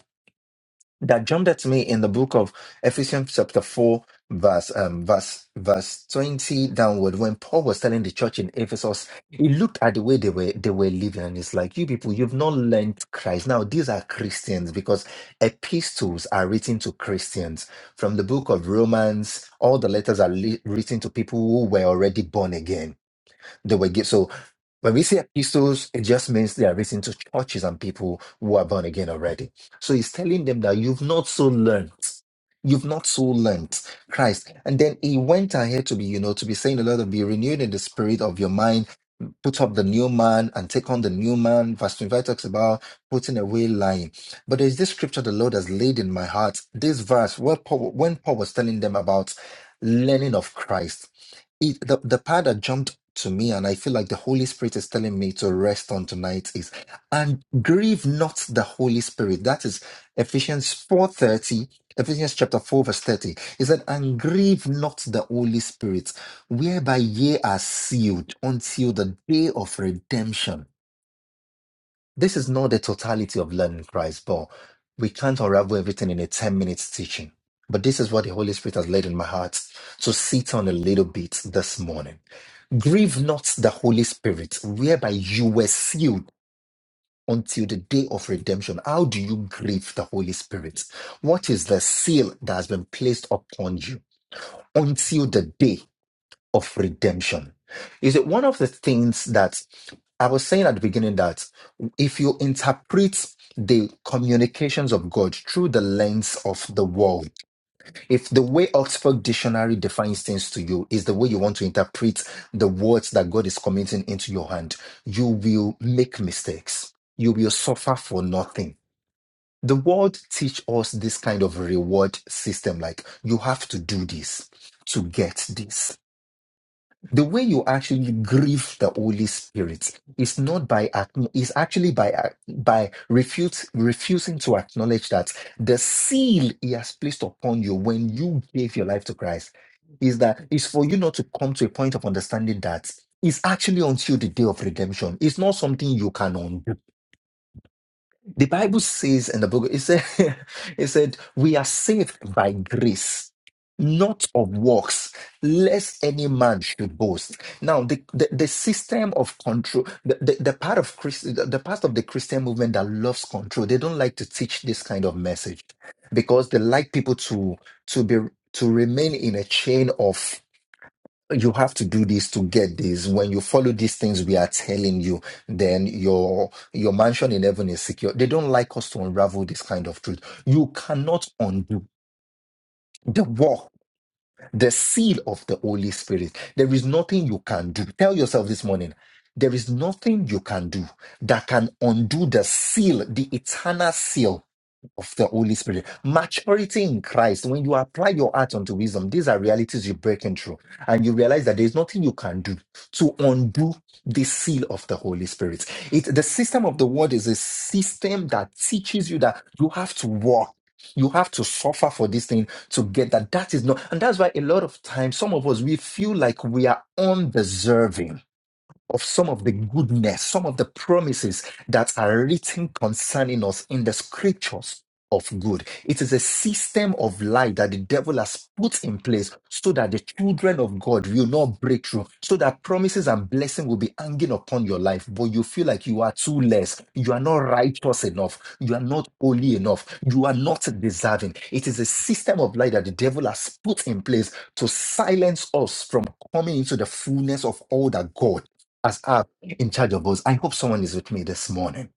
S2: that jumped at me in the book of Ephesians chapter 4 verse um verse verse 20 downward when Paul was telling the church in Ephesus he looked at the way they were they were living and it's like you people you've not learned Christ now these are Christians because epistles are written to Christians from the book of Romans all the letters are li- written to people who were already born again they were given. So when we say epistles, it just means they are written to churches and people who are born again already. So he's telling them that you've not so learned. You've not so learned Christ. And then he went ahead to be, you know, to be saying a lot of be renewed in the spirit of your mind put up the new man and take on the new man. Verse 25 talks about putting away lying. But there's this scripture the Lord has laid in my heart. This verse, where Paul, when Paul was telling them about learning of Christ, it, the, the part that jumped to me and I feel like the Holy Spirit is telling me to rest on tonight is, and grieve not the Holy Spirit. That is Ephesians 4.30, Ephesians chapter 4 verse 30. It said, and grieve not the Holy Spirit whereby ye are sealed until the day of redemption. This is not the totality of learning Christ, but we can't unravel everything in a 10 minutes teaching. But this is what the Holy Spirit has laid in my heart to sit on a little bit this morning. Grieve not the Holy Spirit, whereby you were sealed until the day of redemption. How do you grieve the Holy Spirit? What is the seal that has been placed upon you until the day? of redemption. Is it one of the things that I was saying at the beginning that if you interpret the communications of God through the lens of the world, if the way Oxford Dictionary defines things to you is the way you want to interpret the words that God is committing into your hand, you will make mistakes. You will suffer for nothing. The world teach us this kind of reward system, like you have to do this to get this the way you actually grieve the Holy Spirit is not by acknow- is actually by uh, by refute, refusing to acknowledge that the seal He has placed upon you when you gave your life to Christ is that is for you not to come to a point of understanding that it's actually until the day of redemption. It's not something you can undo the Bible says in the book, it said, it said, we are saved by grace, not of works, lest any man should boast. Now, the, the, the system of control, the, the, the part of Christ, the the part of the Christian movement that loves control, they don't like to teach this kind of message because they like people to to be to remain in a chain of you have to do this to get this when you follow these things we are telling you then your your mansion in heaven is secure they don't like us to unravel this kind of truth you cannot undo the work the seal of the holy spirit there is nothing you can do tell yourself this morning there is nothing you can do that can undo the seal the eternal seal of the Holy Spirit. Maturity in Christ, when you apply your heart unto wisdom, these are realities you're breaking through. And you realize that there's nothing you can do to undo the seal of the Holy Spirit. It the system of the word is a system that teaches you that you have to walk. You have to suffer for this thing to get that. That is not, and that's why a lot of times some of us we feel like we are undeserving of some of the goodness, some of the promises that are written concerning us in the scriptures of good. It is a system of lie that the devil has put in place so that the children of God will not break through, so that promises and blessing will be hanging upon your life, but you feel like you are too less, you are not righteous enough, you are not holy enough, you are not deserving. It is a system of lie that the devil has put in place to silence us from coming into the fullness of all that God as I'm in charge of us. I hope someone is with me this morning.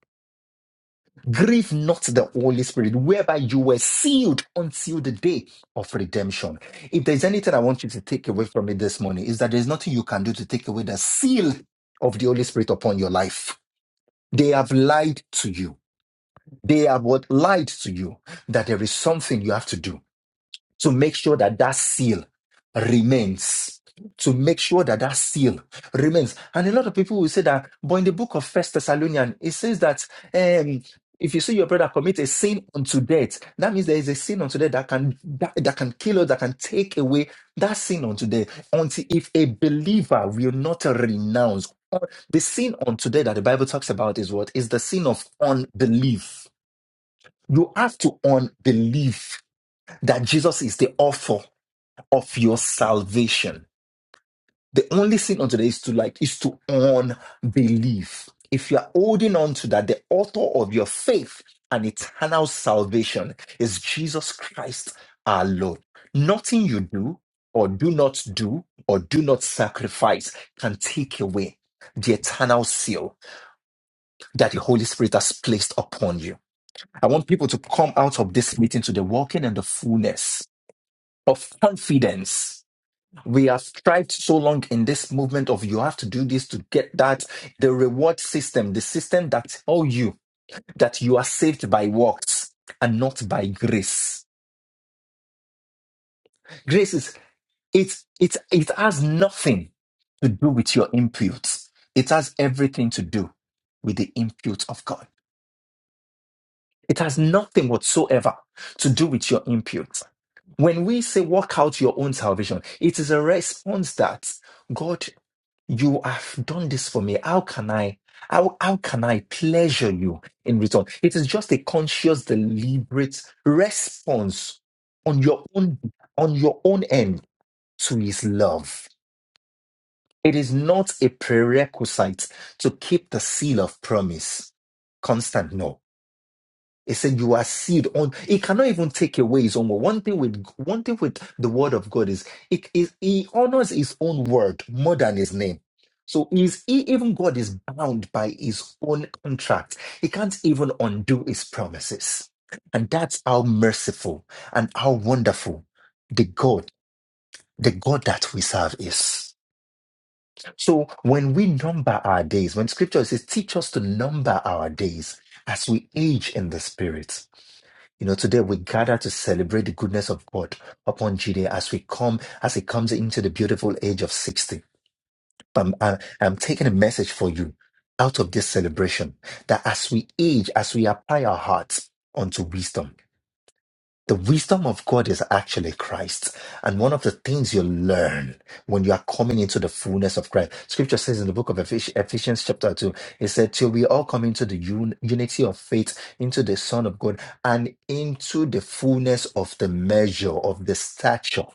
S2: Grieve not the Holy Spirit, whereby you were sealed until the day of redemption. If there's anything I want you to take away from me this morning, is that there's nothing you can do to take away the seal of the Holy Spirit upon your life. They have lied to you. They have what lied to you that there is something you have to do to make sure that that seal remains to make sure that that seal remains and a lot of people will say that but in the book of first thessalonians it says that um if you see your brother commit a sin unto death that means there is a sin unto death that can that, that can kill us that can take away that sin unto death until if a believer will not renounce the sin unto death that the bible talks about is what is the sin of unbelief you have to unbelieve that jesus is the author of your salvation. The only thing unto that is to like is to unbelief. If you are holding on to that, the author of your faith and eternal salvation is Jesus Christ our Lord. Nothing you do or do not do or do not sacrifice can take away the eternal seal that the Holy Spirit has placed upon you. I want people to come out of this meeting to the walking and the fullness of confidence We have strived so long in this movement of you have to do this to get that. The reward system, the system that tell you that you are saved by works and not by grace. Grace is it it it has nothing to do with your imputes. It has everything to do with the impute of God. It has nothing whatsoever to do with your impute. When we say work out your own salvation, it is a response that God you have done this for me how can i how, how can i pleasure you in return it is just a conscious deliberate response on your own on your own end to his love it is not a prerequisite to keep the seal of promise constant no it said you are seed on it cannot even take away his own word. One thing with one thing with the word of God is it is he honors his own word more than his name. So is he even God is bound by his own contract. He can't even undo his promises. And that's how merciful and how wonderful the God, the God that we serve is. So when we number our days, when scripture says, teach us to number our days as we age in the spirit you know, today we gather to celebrate the goodness of God upon Judea as we come, as it comes into the beautiful age of 60. I'm, i I'm taking a message for you out of this celebration that as we age, as we apply our hearts unto wisdom, the wisdom of God is actually Christ. And one of the things you learn when you are coming into the fullness of Christ, scripture says in the book of Ephes- Ephesians, chapter 2, it said, Till we all come into the un- unity of faith, into the Son of God, and into the fullness of the measure of the stature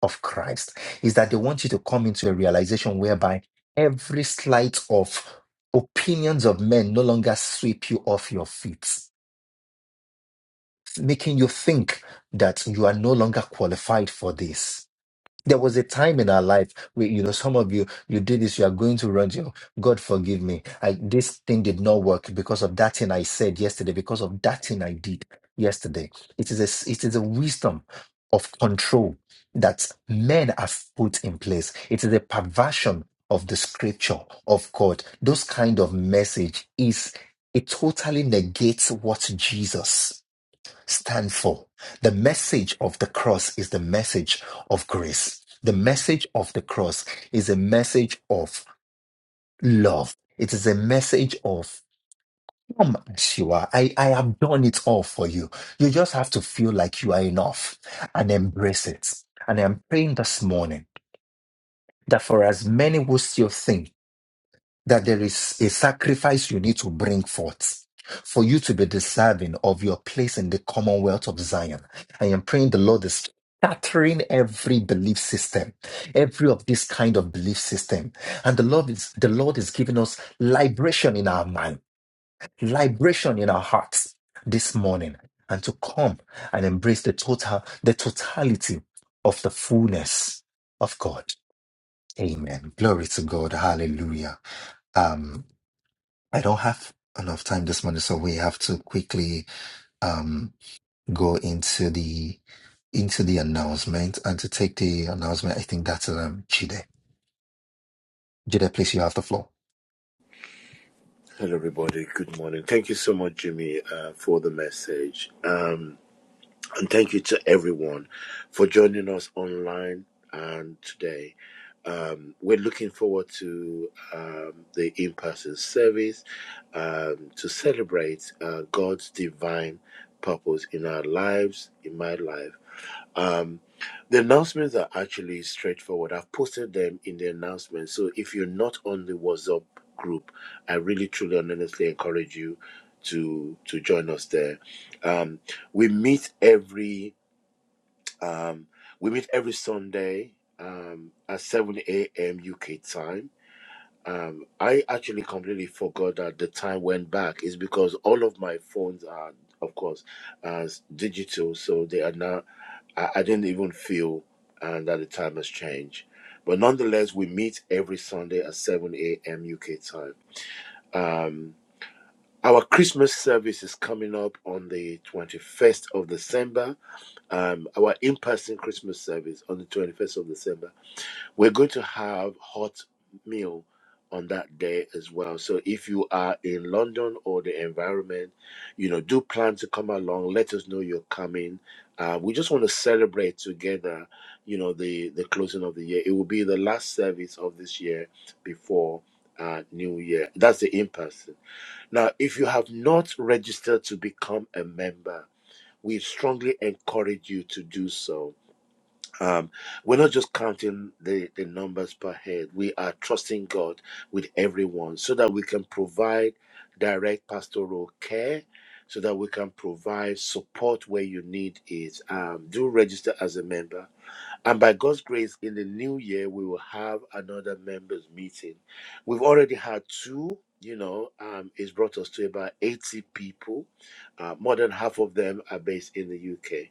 S2: of Christ, is that they want you to come into a realization whereby every slight of opinions of men no longer sweep you off your feet making you think that you are no longer qualified for this. There was a time in our life where, you know, some of you, you did this, you are going to run to, your- God forgive me. I, this thing did not work because of that thing I said yesterday, because of that thing I did yesterday. It is a, s- it is a wisdom of control that men have put in place. It is a perversion of the scripture of God. Those kind of message is, it totally negates what Jesus stand for. The message of the cross is the message of grace. The message of the cross is a message of love. It is a message of come as you are. I, I have done it all for you. You just have to feel like you are enough and embrace it. And I'm praying this morning that for as many who still think that there is a sacrifice you need to bring forth for you to be deserving of your place in the commonwealth of Zion. I am praying the Lord is scattering every belief system, every of this kind of belief system. And the Lord is the Lord is giving us liberation in our mind, liberation in our hearts this morning, and to come and embrace the total, the totality of the fullness of God. Amen. Glory to God. Hallelujah. Um. I don't have enough time this morning, so we have to quickly um go into the into the announcement and to take the announcement. I think that's um Jide. Jide, please, you have the floor.
S1: Hello, everybody. Good morning. Thank you so much, Jimmy, uh, for the message. Um. And thank you to everyone for joining us online and today. Um, we're looking forward to um, the in person service um, to celebrate uh, God's divine purpose in our lives, in my life. Um, the announcements are actually straightforward. I've posted them in the announcement. So if you're not on the WhatsApp group, I really truly and honestly encourage you to to join us there. Um, we meet every um, we meet every Sunday um, at 7 a.m. UK time um, I actually completely forgot that the time went back. Is because all of my phones are, of course, as digital, so they are now. I, I didn't even feel uh, that the time has changed. But nonetheless, we meet every Sunday at 7 a.m. UK time. Um, our Christmas service is coming up on the 21st of December. Um, our in person Christmas service on the 21st of December we're going to have hot meal on that day as well. So if you are in London or the environment, you know, do plan to come along. Let us know you're coming. Uh, we just want to celebrate together, you know, the the closing of the year. It will be the last service of this year before uh, New Year. That's the in person. Now, if you have not registered to become a member, we strongly encourage you to do so um, we're not just counting the, the numbers per head. We are trusting God with everyone so that we can provide direct pastoral care, so that we can provide support where you need it. Um, do register as a member. And by God's grace, in the new year, we will have another members meeting. We've already had two. You know, um, it's brought us to about 80 people. Uh, more than half of them are based in the UK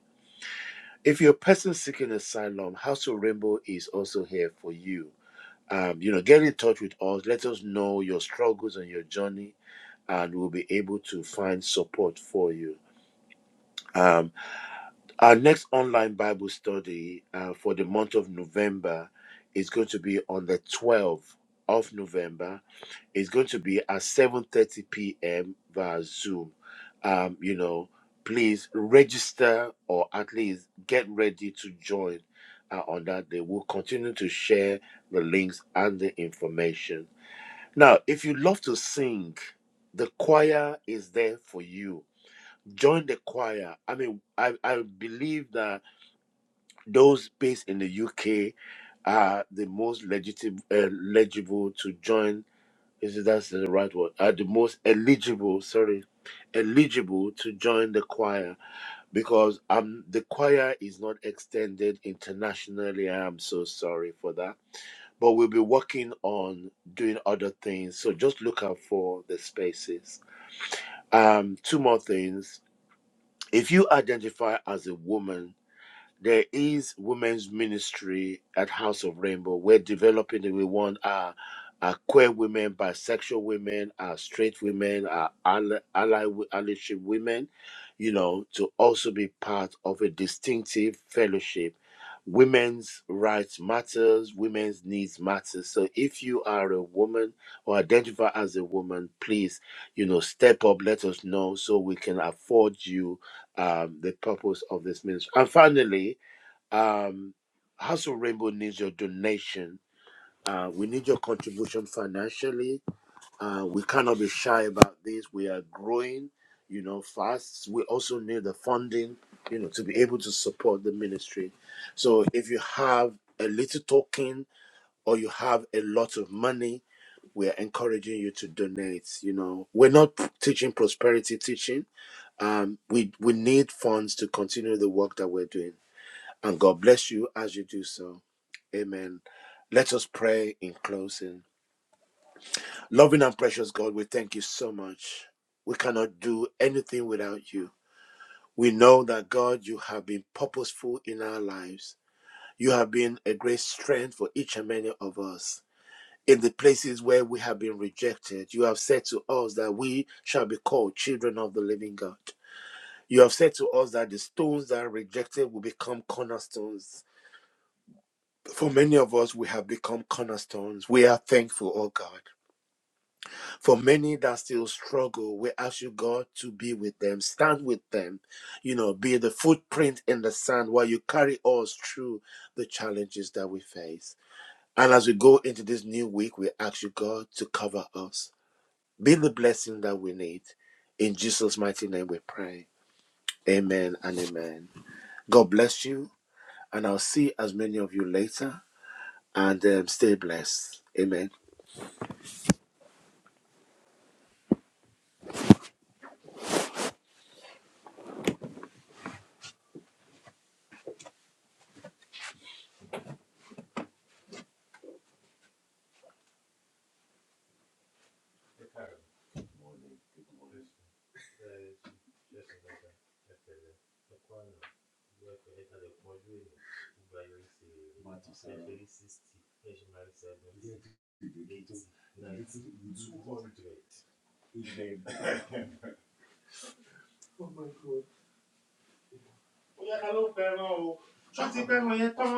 S1: if you're a person seeking asylum, House of Rainbow is also here for you. Um, you know, get in touch with us. Let us know your struggles and your journey, and we'll be able to find support for you. Um, our next online Bible study uh, for the month of November is going to be on the 12th of November it's going to be at 7:30 p.m. via Zoom. Um, you know, please register or at least get ready to join uh, on that day. We'll continue to share the links and the information. Now, if you love to sing, the choir is there for you. Join the choir. I mean, I, I believe that those based in the UK are the most legitimate, uh, legible to join is it that's the right word? Are the most eligible, sorry, eligible to join the choir because um the choir is not extended internationally. I am so sorry for that. But we'll be working on doing other things. So just look out for the spaces. Um, two more things. If you identify as a woman there is women's ministry at House of Rainbow. We're developing it. We want our, our queer women, bisexual women, our straight women, our ally, ally, allyship women, you know, to also be part of a distinctive fellowship. Women's rights matters, women's needs matter. So if you are a woman or identify as a woman, please, you know, step up, let us know so we can afford you um, the purpose of this ministry. And finally, um, House of Rainbow needs your donation. Uh, we need your contribution financially. Uh, we cannot be shy about this. We are growing, you know, fast. We also need the funding, you know, to be able to support the ministry. So if you have a little token or you have a lot of money, we are encouraging you to donate. You know, we're not teaching prosperity teaching. Um, we we need funds to continue the work that we're doing. And God bless you as you do so. Amen. Let us pray in closing. Loving and precious God, we thank you so much. We cannot do anything without you. We know that, God, you have been purposeful in our lives. You have been a great strength for each and many of us. In the places where we have been rejected, you have said to us that we shall be called children of the living God. You have said to us that the stones that are rejected will become cornerstones. For many of us, we have become cornerstones. We are thankful, oh God. For many that still struggle, we ask you, God, to be with them, stand with them, you know, be the footprint in the sand while you carry us through the challenges that we face. And as we go into this new week, we ask you, God, to cover us, be the blessing that we need. In Jesus' mighty name we pray. Amen and amen. God bless you, and I'll see as many of you later, and um, stay blessed. Amen.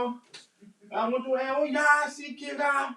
S1: I went through and oh yeah, see kid ah.